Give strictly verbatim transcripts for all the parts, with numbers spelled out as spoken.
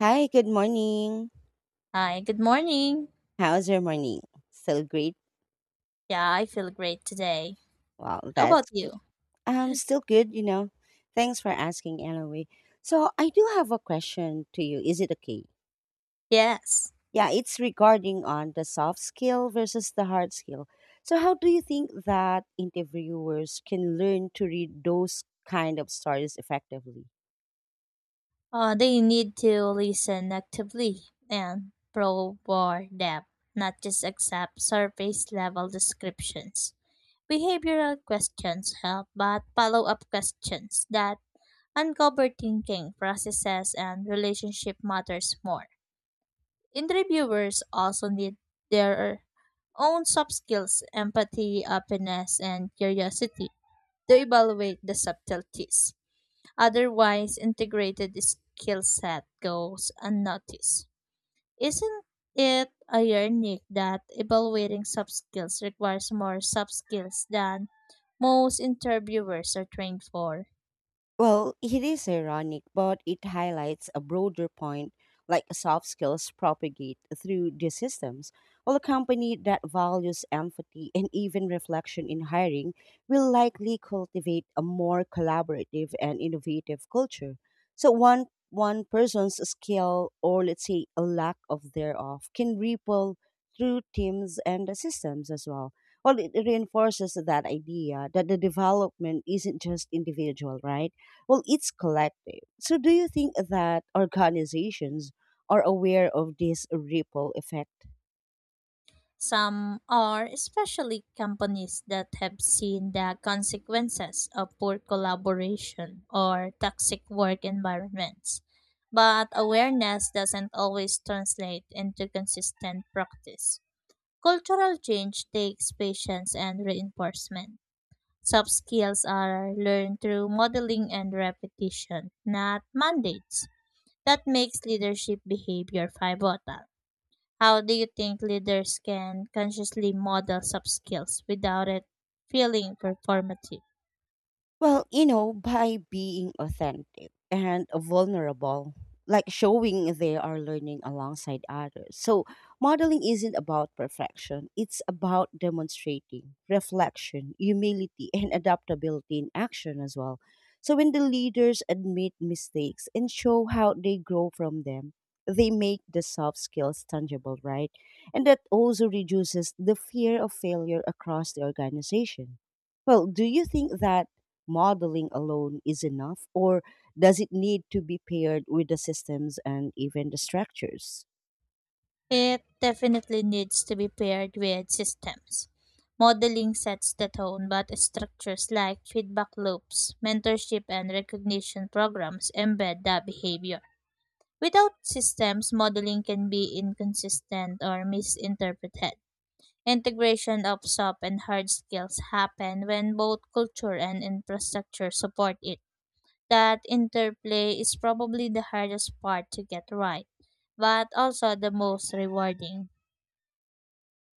Hi, good morning. Hi, good morning. How's your morning? Still great? Yeah, I feel great today. Well, How that's about good. you? Um, still good, you know. Thanks for asking anyway. So I do have a question to you. Is it okay? Yes. Yeah, it's regarding on the soft skill versus the hard skill. So how do you think that interviewers can learn to read those kind of stories effectively? Uh, they need to listen actively and probe more depth, not just accept surface level descriptions. Behavioral questions help, but follow up questions that uncover thinking processes and relationship matters more. Interviewers also need their own soft skills, empathy, openness, and curiosity to evaluate the subtleties. Otherwise, integrated skill set goes unnoticed. Isn't it ironic that evaluating soft skills requires more soft skills than most interviewers are trained for? Well, it is ironic, but it highlights a broader point like soft skills propagate through these systems. While a company that values empathy and even reflection in hiring will likely cultivate a more collaborative and innovative culture. So one one person's skill or let's say a lack of thereof can ripple through teams and the systems as well. Well, it reinforces that idea that the development isn't just individual, right? Well, it's collective. So do you think that organizations are aware of this ripple effect? Some are especially companies that have seen the consequences of poor collaboration or toxic work environments. But awareness doesn't always translate into consistent practice. Cultural change takes patience and reinforcement. Soft skills are learned through modeling and repetition, not mandates. That makes leadership behavior pivotal. How do you think leaders can consciously model soft skills without it feeling performative? Well, you know, by being authentic and vulnerable, like showing they are learning alongside others. So, modeling isn't about perfection, it's about demonstrating reflection, humility, and adaptability in action as well. So, when the leaders admit mistakes and show how they grow from them, they make the soft skills tangible, right? And that also reduces the fear of failure across the organization. Well, do you think that modeling alone is enough, or does it need to be paired with the systems and even the structures? It definitely needs to be paired with systems. Modeling sets the tone, but structures like feedback loops, mentorship, and recognition programs embed that behavior. Without systems, modeling can be inconsistent or misinterpreted. Integration of soft and hard skills happen when both culture and infrastructure support it. That interplay is probably the hardest part to get right, but also the most rewarding.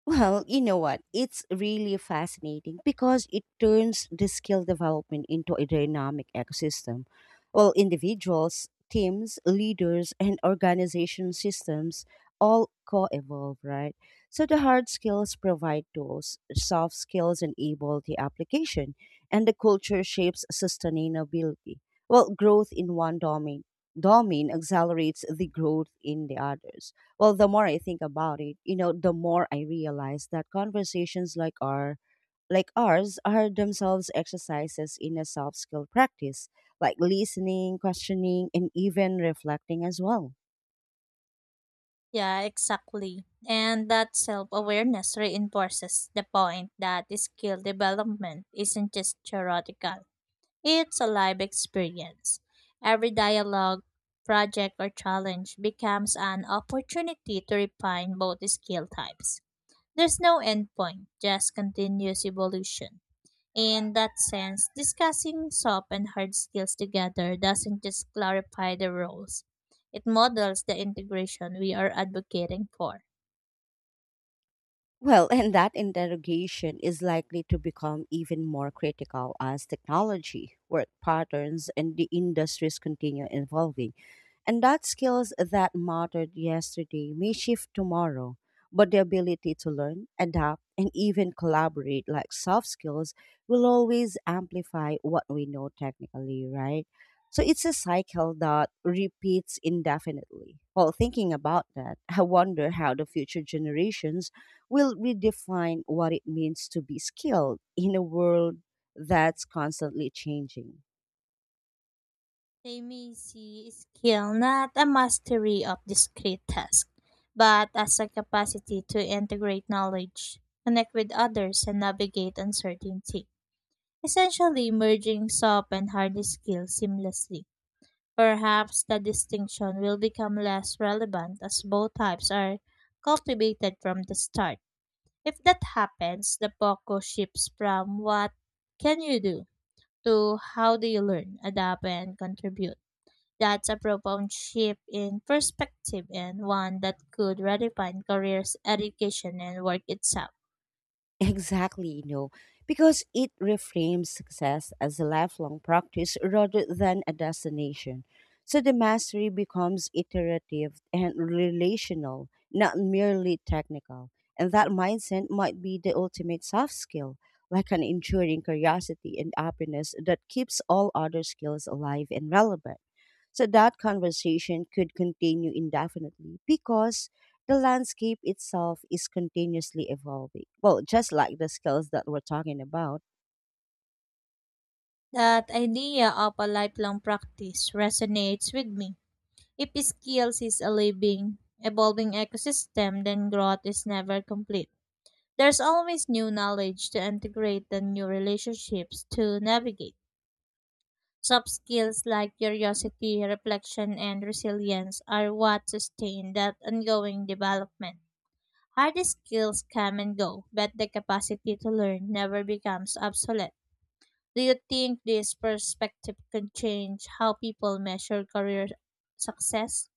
Well, you know what? It's really fascinating because it turns the skill development into a dynamic ecosystem. Well, individuals, teams, leaders, and organization systems all co evolve, right? So the hard skills provide tools, soft skills enable the application, and the culture shapes sustainability. Well, growth in one domain, domain accelerates the growth in the others. Well, the more I think about it, you know, the more I realize that conversations like our like ours are themselves exercises in a soft skill practice, like listening, questioning, and even reflecting as well. Yeah, exactly. And that self awareness reinforces the point that skill development isn't just theoretical, it's a live experience. Every dialogue, project, or challenge becomes an opportunity to refine both skill types. There's no endpoint, just continuous evolution. In that sense, discussing soft and hard skills together doesn't just clarify the roles, it models the integration we are advocating for. Well, and that interrogation is likely to become even more critical as technology, work patterns, and the industries continue evolving. And that skills that mattered yesterday may shift tomorrow, but the ability to learn, adapt, and even collaborate like soft skills will always amplify what we know technically, right? So it's a cycle that repeats indefinitely. Well, thinking about that, I wonder how the future generations will redefine what it means to be skilled in a world that's constantly changing. They may see skill not a mastery of discrete tasks, but as a capacity to integrate knowledge, connect with others, and navigate uncertainty, essentially merging soft and hard skills seamlessly. Perhaps the distinction will become less relevant as both types are cultivated from the start. If that happens, the focus shifts from what can you do to how do you learn, adapt, and contribute. That's a profound shift in perspective and one that could redefine careers, education, and work itself. Exactly, you know, because it reframes success as a lifelong practice rather than a destination. So the mastery becomes iterative and relational, not merely technical. And that mindset might be the ultimate soft skill, like an enduring curiosity and openness that keeps all other skills alive and relevant. So that conversation could continue indefinitely because the landscape itself is continuously evolving. Well, just like the skills that we're talking about. That idea of a lifelong practice resonates with me. If skills is a living, evolving ecosystem, then growth is never complete. There's always new knowledge to integrate and new relationships to navigate. Soft skills like curiosity, reflection, and resilience are what sustain that ongoing development. Hard skills come and go, but the capacity to learn never becomes obsolete. Do you think this perspective can change how people measure career success?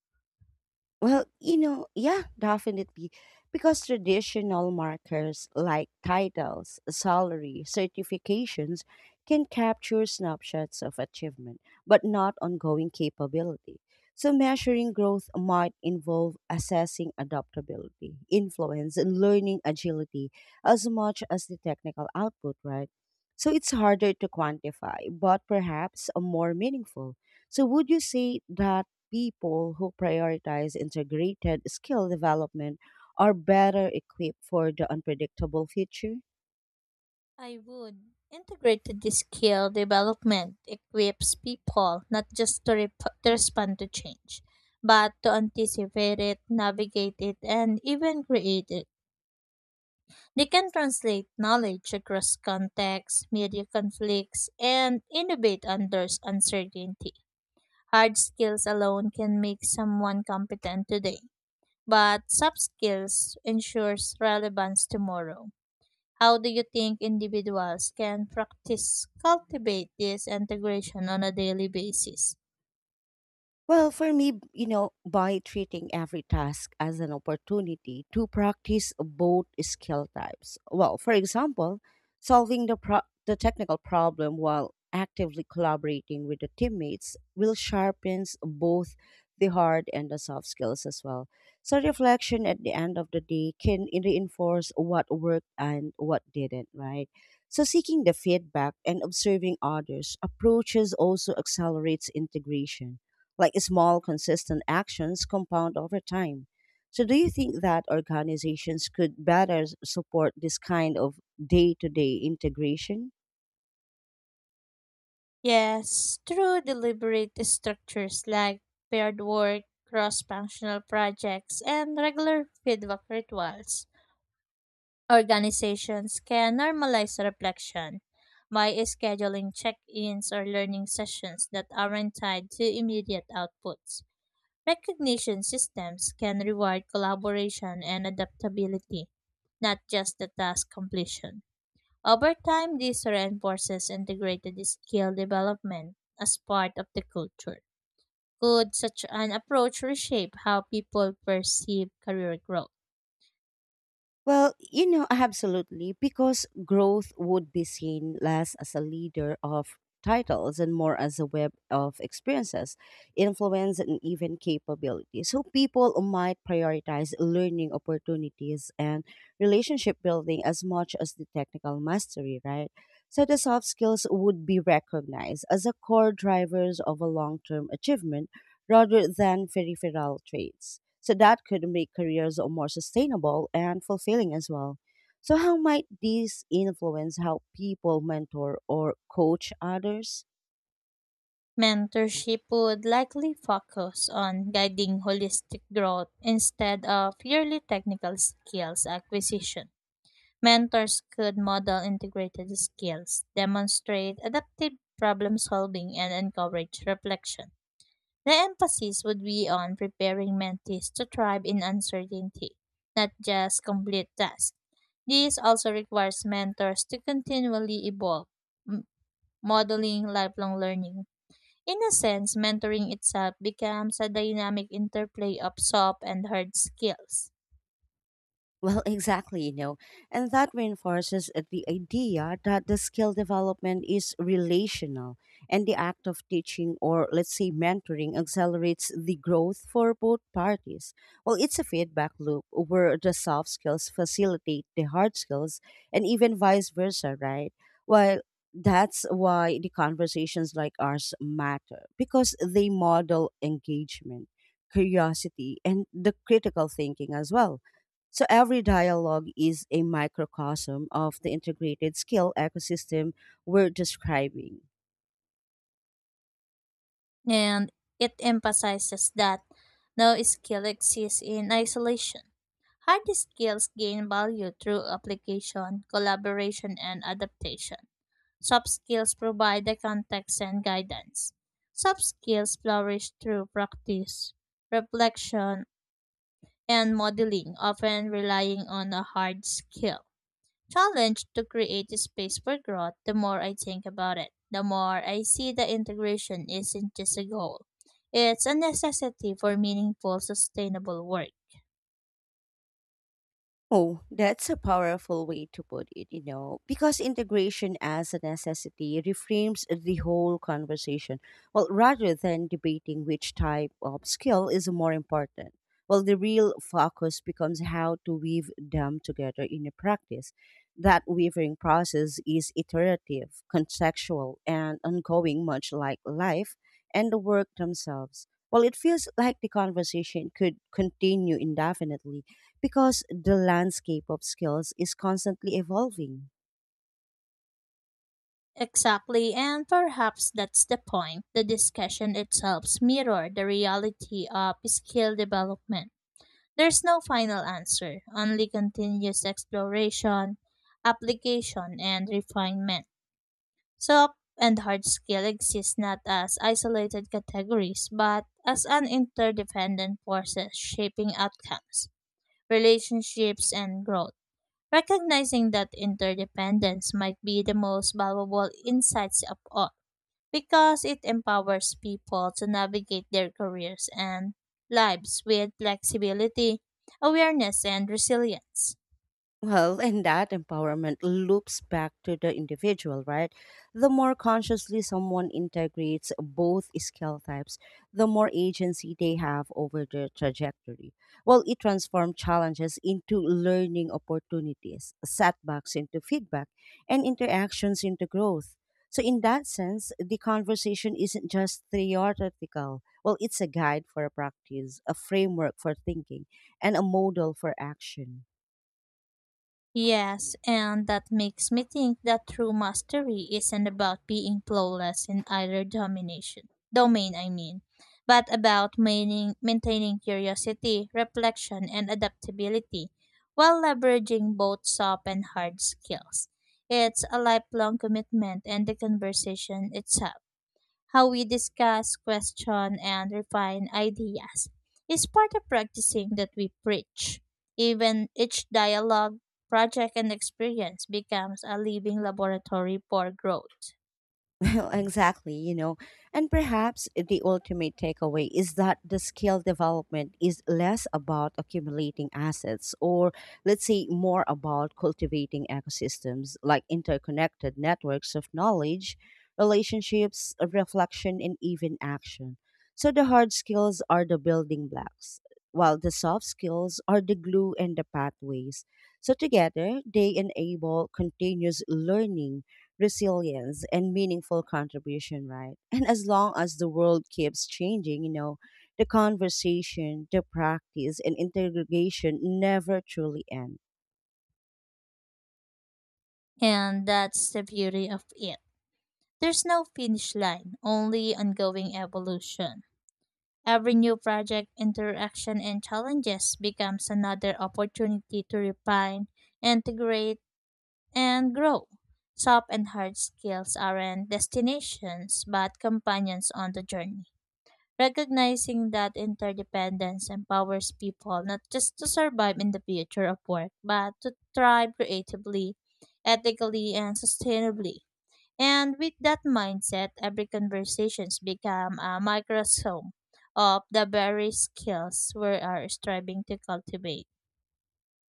Well, you know, yeah, definitely. Because traditional markers like titles, salary, certifications can capture snapshots of achievement, but not ongoing capability. So, measuring growth might involve assessing adaptability, influence, and learning agility as much as the technical output, right? So, it's harder to quantify, but perhaps uh, more meaningful. So, would you say that people who prioritize integrated skill development are better equipped for the unpredictable future? I would. Integrated skill development equips people not just to, rep- to respond to change, but to anticipate it, navigate it, and even create it. They can translate knowledge across contexts, media conflicts, and innovate under uncertainty. Hard skills alone can make someone competent today, but soft skills ensures relevance tomorrow. How do you think individuals can practice cultivate this integration on a daily basis? Well, for me, b- you know, by treating every task as an opportunity to practice both skill types. Well, for example, solving the pro- the technical problem while actively collaborating with the teammates will sharpens both the hard and the soft skills as well. So reflection at the end of the day can reinforce what worked and what didn't, right? So seeking the feedback and observing others approaches also accelerates integration like small, consistent actions compound over time. So, do you think that organizations could better s- support this kind of day to day integration? Yes, through deliberate structures like paired work, cross-functional projects, and regular feedback rituals. Organizations can normalize reflection by scheduling check-ins or learning sessions that aren't tied to immediate outputs. Recognition systems can reward collaboration and adaptability, not just the task completion. Over time, this reinforces integrated skill development as part of the culture. Could such an approach reshape how people perceive career growth? Well, you know, absolutely, because growth would be seen less as a leader of titles and more as a web of experiences, influence, and even capability. So people might prioritize learning opportunities and relationship building as much as the technical mastery, right? So the soft skills would be recognized as a core drivers of a long term achievement rather than peripheral traits. So that could make careers more sustainable and fulfilling as well. So, how might these influence how people mentor or coach others? Mentorship would likely focus on guiding holistic growth instead of purely technical skills acquisition. Mentors could model integrated skills, demonstrate adaptive problem solving, and encourage reflection. The emphasis would be on preparing mentees to thrive in uncertainty, not just complete tasks. This also requires mentors to continually evolve, m- modeling lifelong learning. In a sense, mentoring itself becomes a dynamic interplay of soft and hard skills. Well, exactly, you know, and that reinforces the idea that the skill development is relational, and the act of teaching or, let's say, mentoring accelerates the growth for both parties. Well, it's a feedback loop where the soft skills facilitate the hard skills, and even vice versa, right? Well, that's why the conversations like ours matter because they model engagement, curiosity, and the critical thinking as well. So every dialogue is a microcosm of the integrated skill ecosystem we're describing. And it emphasizes that no skill exists in isolation. Hard skills gain value through application, collaboration, and adaptation. Soft skills provide the context and guidance. Soft skills flourish through practice, reflection, and modeling, often relying on a hard skill challenge to create a space for growth. The more I think about it, the more I see that integration isn't just a goal. It's a necessity for meaningful, sustainable work. Oh, that's a powerful way to put it, you know, because integration as a necessity reframes the whole conversation. Well, rather than debating which type of skill is more important, well, the real focus becomes how to weave them together in a practice. That weaving process is iterative, contextual, and ongoing, much like life and the work themselves. Well, it feels like the conversation could continue indefinitely because the landscape of skills is constantly evolving. Exactly, and perhaps that's the point. The discussion itself mirrors the reality of skill development. There's no final answer, only continuous exploration, application, and refinement. Soft and hard skill exist not as isolated categories, but as an interdependent forces shaping outcomes, relationships, and growth. Recognizing that interdependence might be the most valuable insights of all because it empowers people to navigate their careers and lives with flexibility, awareness, and resilience. Well, and that empowerment loops back to the individual, right? The more consciously someone integrates both skill types, the more agency they have over their trajectory. Well, it transforms challenges into learning opportunities, setbacks into feedback, and interactions into growth. So, in that sense, the conversation isn't just theoretical. Well, it's a guide for a practice, a framework for thinking, and a model for action. Yes, and that makes me think that true mastery isn't about being flawless in either domination domain, I mean, but about maintaining, maintaining curiosity, reflection, and adaptability while leveraging both soft and hard skills. It's a lifelong commitment and the conversation itself. How we discuss, question, and refine ideas is part of practicing that we preach. Even each dialogue, project, and experience becomes a living laboratory for growth. Well, exactly, you know. And perhaps the ultimate takeaway is that the skill development is less about accumulating assets or, let's say, more about cultivating ecosystems like interconnected networks of knowledge, relationships, reflection, and even action. So the hard skills are the building blocks, while the soft skills are the glue and the pathways. So together, they enable continuous learning resilience and meaningful contribution, right? And as long as the world keeps changing, you know, the conversation, the practice, and interrogation never truly end. And that's the beauty of it. There's no finish line, only ongoing evolution. Every new project, interaction, and challenges becomes another opportunity to refine, integrate, and grow. Soft and hard skills aren't destinations but companions on the journey. Recognizing that interdependence empowers people not just to survive in the future of work but to thrive creatively, ethically, and sustainably. And with that mindset, every conversations become a microsome of the very skills we are striving to cultivate.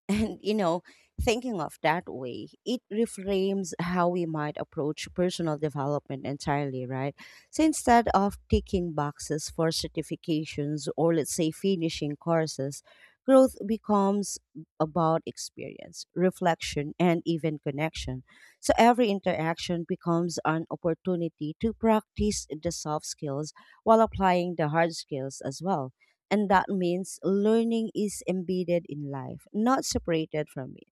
And, you know, thinking of that way, it reframes how we might approach personal development entirely, right? So instead of ticking boxes for certifications or, let's say, finishing courses, growth becomes about experience, reflection, and even connection. So every interaction becomes an opportunity to practice the soft skills while applying the hard skills as well. And that means learning is embedded in life, not separated from it.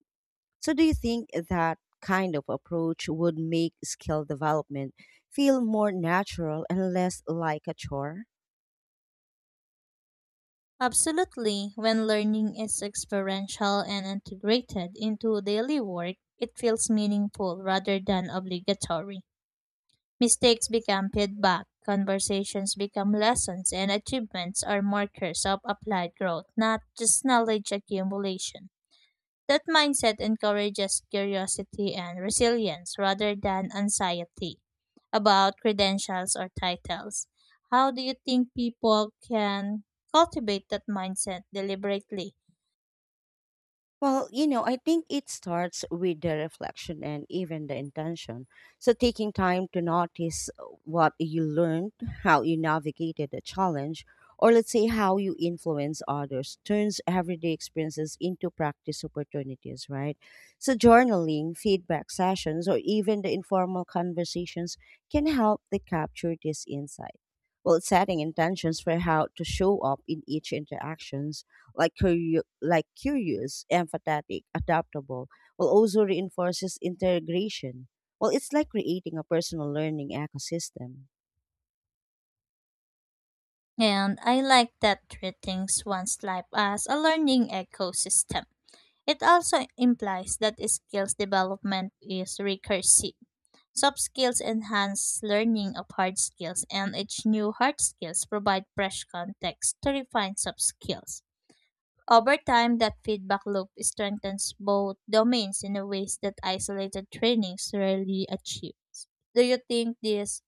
So, do you think that kind of approach would make skill development feel more natural and less like a chore? Absolutely, when learning is experiential and integrated into daily work, it feels meaningful rather than obligatory. Mistakes become feedback, conversations become lessons, and achievements are markers of applied growth, not just knowledge accumulation. That mindset encourages curiosity and resilience rather than anxiety about credentials or titles. How do you think people can cultivate that mindset deliberately? Well, you know, I think it starts with the reflection and even the intention. So, taking time to notice what you learned, how you navigated a challenge, or let's say how you influence others turns everyday experiences into practice opportunities, right? So, journaling, feedback sessions, or even the informal conversations can help to capture this insight. Well, setting intentions for how to show up in each interactions like curio- like curious, empathetic, adaptable, while also reinforces integration. Well, it's like creating a personal learning ecosystem. And I like that treat things one's life as a learning ecosystem. It also implies that skills development is recursive. Soft skills enhance learning of hard skills, and each new hard skills provide fresh context to refine soft skills. Over time, that feedback loop strengthens both domains in a ways that isolated trainings rarely achieve. Do you think this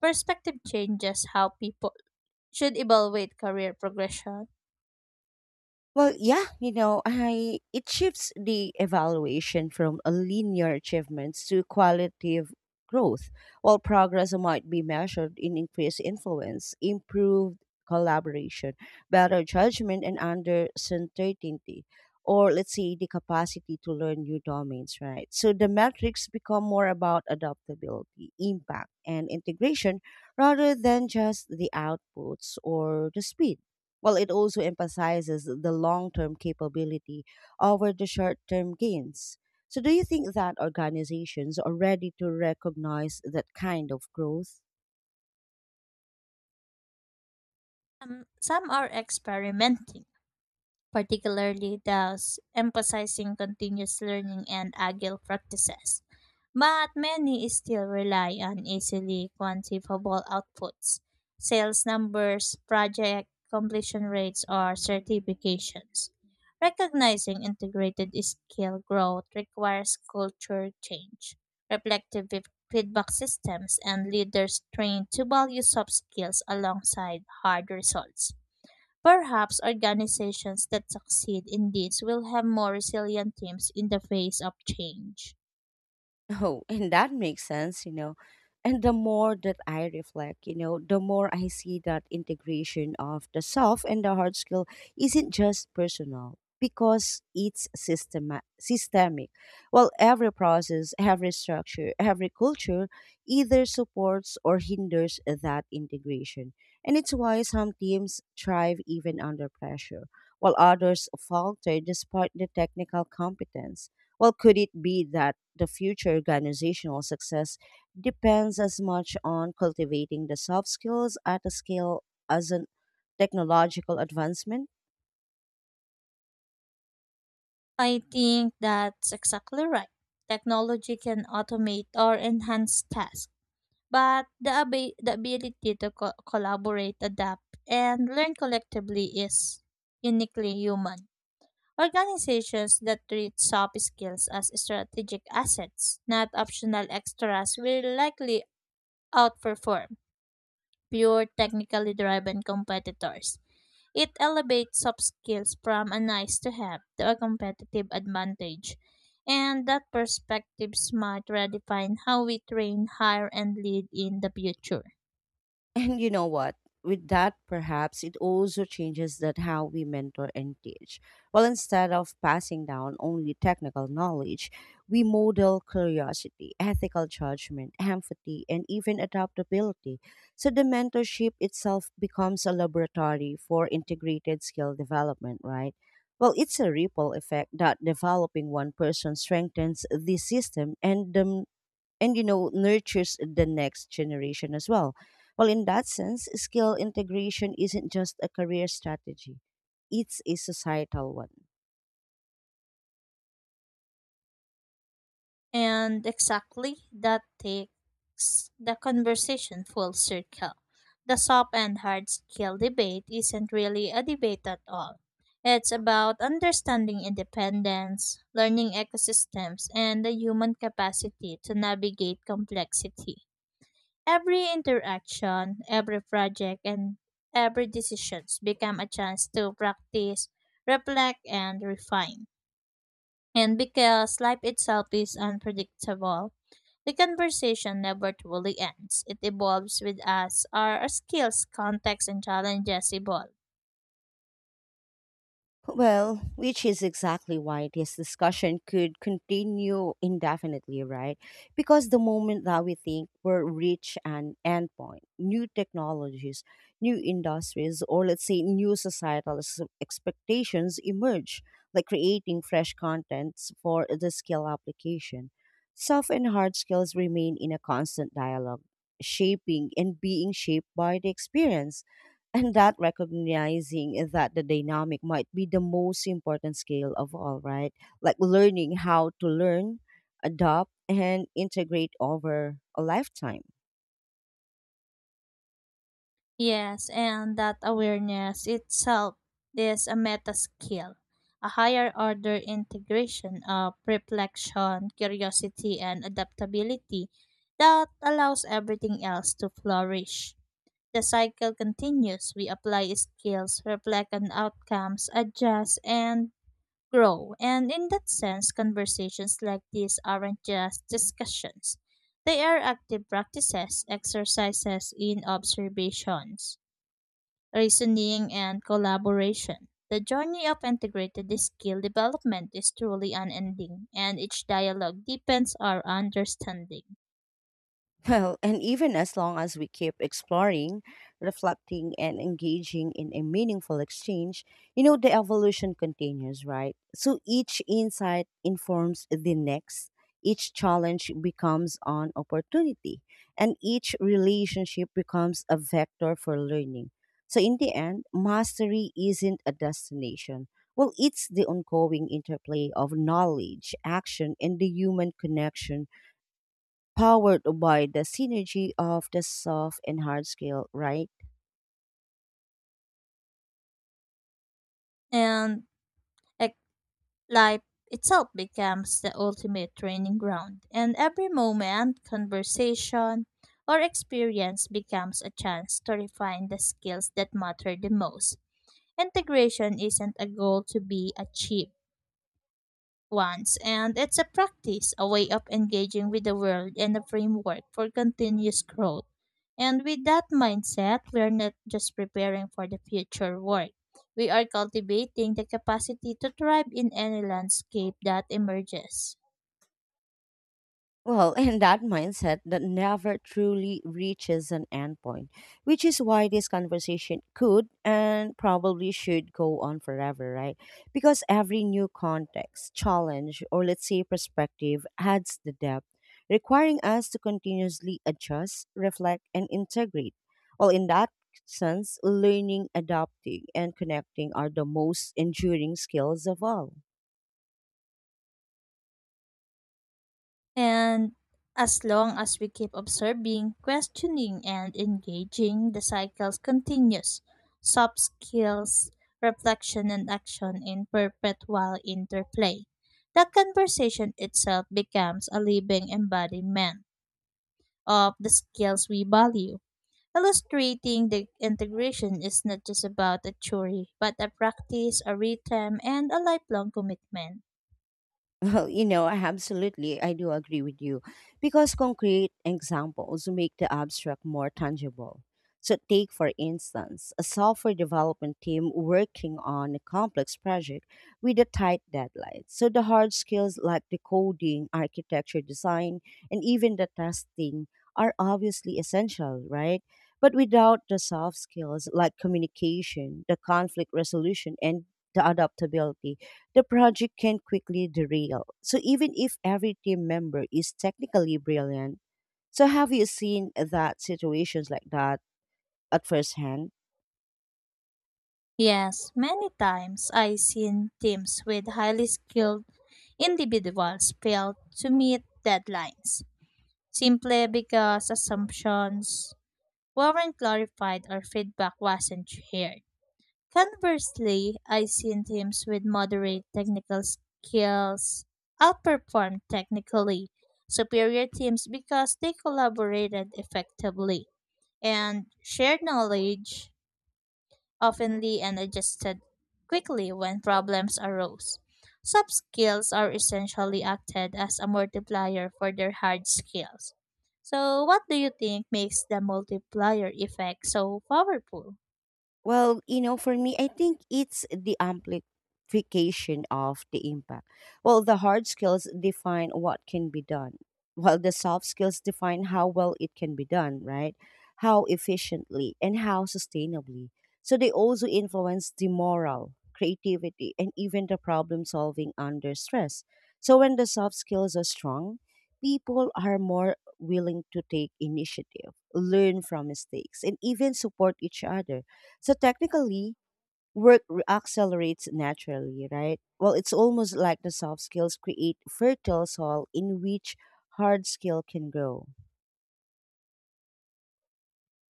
perspective changes how people should evaluate career progression? Well, yeah, you know, I it shifts the evaluation from a linear achievements to qualitative growth. While progress might be measured in increased influence, improved collaboration, better judgment, and under certainty, or let's say the capacity to learn new domains, right? So the metrics become more about adaptability, impact, and integration rather than just the outputs or the speed. Well, it also emphasizes the long term capability over the short term gains. So, do you think that organizations are ready to recognize that kind of growth? Um, some are experimenting particularly those emphasizing continuous learning and agile practices. But many still rely on easily quantifiable outputs, sales numbers, project completion rates, or certifications. Recognizing integrated skill growth requires culture change, reflective feed- feedback systems, and leaders trained to value soft skills alongside hard results. Perhaps organizations that succeed in this will have more resilient teams in the face of change. Oh, and that makes sense, you know. And the more that I reflect, you know, the more I see that integration of the soft and the hard skill isn't just personal because it's systema- systemic. Well, every process, every structure, every culture either supports or hinders that integration. And it's why some teams thrive even under pressure, while others falter despite the technical competence. Well, could it be that the future organizational success depends as much on cultivating the soft skills at a scale as on technological advancement? I think that's exactly right. Technology can automate or enhance tasks, but the, abi- the ability to co- collaborate, adapt, and learn collectively is uniquely human. Organizations that treat soft skills as strategic assets, not optional extras, will likely outperform pure technically driven competitors. It elevates soft skills from a nice to have to a competitive advantage. And that perspective might redefine how we train, hire, and lead in the future. And you know what? With that, perhaps it also changes that how we mentor and teach. Well, instead of passing down only technical knowledge, we model curiosity, ethical judgment, empathy, and even adaptability. So the mentorship itself becomes a laboratory for integrated skill development, right? Well, it's a ripple effect that developing one person strengthens the system and the and you know nurtures the next generation as well. Well, in that sense skill integration isn't just a career strategy, it's a societal one. And exactly that takes the conversation full circle. The soft and hard skill debate isn't really a debate at all. It's about understanding independence, learning ecosystems, and the human capacity to navigate complexity. Every interaction, every project, and every decision become a chance to practice, reflect, and refine. And because life itself is unpredictable, the conversation never truly ends. It evolves with us. Our skills, context, and challenges evolve. Well, which is exactly why this discussion could continue indefinitely, right? Because the moment that we think we're reach an endpoint, new technologies, new industries, or let's say new societal s- expectations emerge, like creating fresh contents for the skill application. Soft and hard skills remain in a constant dialogue, shaping and being shaped by the experience, and that recognizing that the dynamic might be the most important skill of all, right? Like learning how to learn, adopt, and integrate over a lifetime. Yes, and that awareness itself is a meta skill, a higher order integration of reflection, curiosity, and adaptability that allows everything else to flourish. The cycle continues. We apply skills, reflect on outcomes, adjust, and grow. And in that sense, conversations like these aren't just discussions, they are active practices, exercises in observations, reasoning, and collaboration. The journey of integrated skill development is truly unending, and each dialogue deepens our understanding. Well, and even as long as we keep exploring, reflecting, and engaging in a meaningful exchange, you know, the evolution continues, right? So each insight informs the next, each challenge becomes an opportunity, and each relationship becomes a vector for learning. So in the end, mastery isn't a destination. Well, it's the ongoing interplay of knowledge, action, and the human connection powered by the synergy of the soft and hard skill, right? And life itself becomes the ultimate training ground, and every moment, conversation, or experience becomes a chance to refine the skills that matter the most. Integration isn't a goal to be achieved once, and it's a practice, a way of engaging with the world and a framework for continuous growth. And with that mindset, we're not just preparing for the future work. We are cultivating the capacity to thrive in any landscape that emerges. Well, and that mindset that never truly reaches an endpoint, which is why this conversation could and probably should go on forever, right? Because every new context, challenge, or let's say perspective adds the depth, requiring us to continuously adjust, reflect, and integrate. Well, in that sense, learning, adapting, and connecting are the most enduring skills of all. And as long as we keep observing, questioning, and engaging, the cycles continues. Soft skills, reflection, and action in perpetual interplay. The conversation itself becomes a living embodiment of the skills we value, illustrating the integration is not just about a theory, but a practice, a rhythm, and a lifelong commitment. Well, you know, I absolutely, I do agree with you because concrete examples make the abstract more tangible. So, take for instance, a software development team working on a complex project with a tight deadline. So, the hard skills like the coding, architecture design, and even the testing are obviously essential, right? But without the soft skills like communication, the conflict resolution, and the adaptability, the project can quickly derail. So even if every team member is technically brilliant, so have you seen that situations like that at first hand? Yes, many times I've seen teams with highly skilled individuals fail to meet deadlines simply because assumptions weren't clarified or feedback wasn't shared. Conversely, I've seen teams with moderate technical skills outperform technically superior teams because they collaborated effectively and shared knowledge oftenly and adjusted quickly when problems arose. Soft skills are essentially acted as a multiplier for their hard skills. So, what do you think makes the multiplier effect so powerful? Well, you know, for me, I think it's the amplification of the impact. Well, the hard skills define what can be done, while the soft skills define how well it can be done, right? How efficiently and how sustainably. So they also influence the moral, creativity, and even the problem solving under stress. So when the soft skills are strong, people are more willing to take initiative, learn from mistakes, and even support each other. So technically, work re- accelerates naturally, right? Well, it's almost like the soft skills create fertile soil in which hard skill can grow.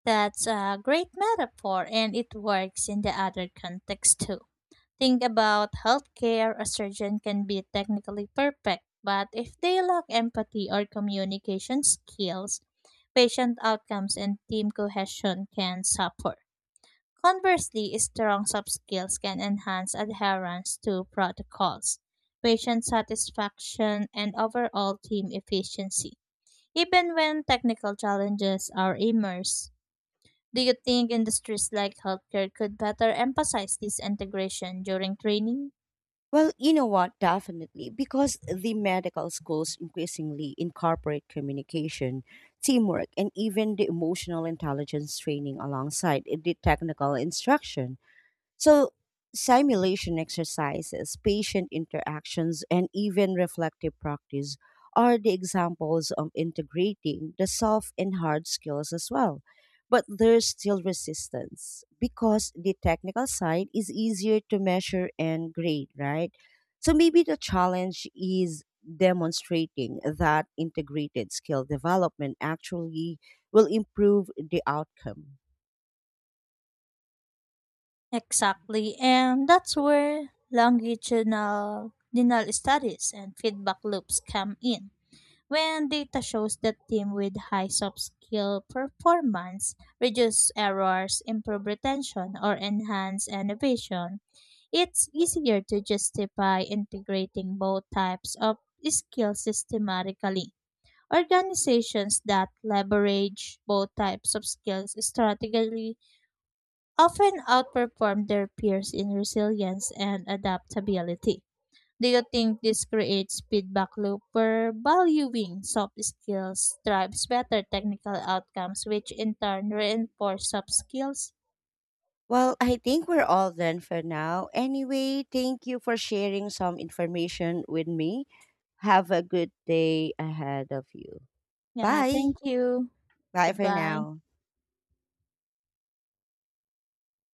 That's a great metaphor and it works in the other context too. Think about healthcare. A surgeon can be technically perfect, but if they lack empathy or communication skills, patient outcomes and team cohesion can suffer. Conversely, strong soft skills can enhance adherence to protocols, patient satisfaction, and overall team efficiency, even when technical challenges are immersed. Do you think industries like healthcare could better emphasize this integration during training? Well, you know what? Definitely, because the medical schools increasingly incorporate communication, teamwork, and even the emotional intelligence training alongside the technical instruction. So, simulation exercises, patient interactions, and even reflective practice are the examples of integrating the soft and hard skills as well. But there's still resistance because the technical side is easier to measure and grade, right? So, maybe the challenge is demonstrating that integrated skill development actually will improve the outcome. Exactly, and that's where longitudinal longitudinal studies and feedback loops come in. When data shows that teams with high soft skill performance reduce errors, improve retention, or enhance innovation, it's easier to justify integrating both types of skills systematically. Organizations that leverage both types of skills strategically often outperform their peers in resilience and adaptability. Do you think this creates feedback loop where valuing soft skills drives better technical outcomes, which in turn reinforce soft skills? Well, I think we're all done for now. Anyway, thank you for sharing some information with me. Have a good day ahead of you. Yeah, Bye. thank you. Bye for Goodbye. now.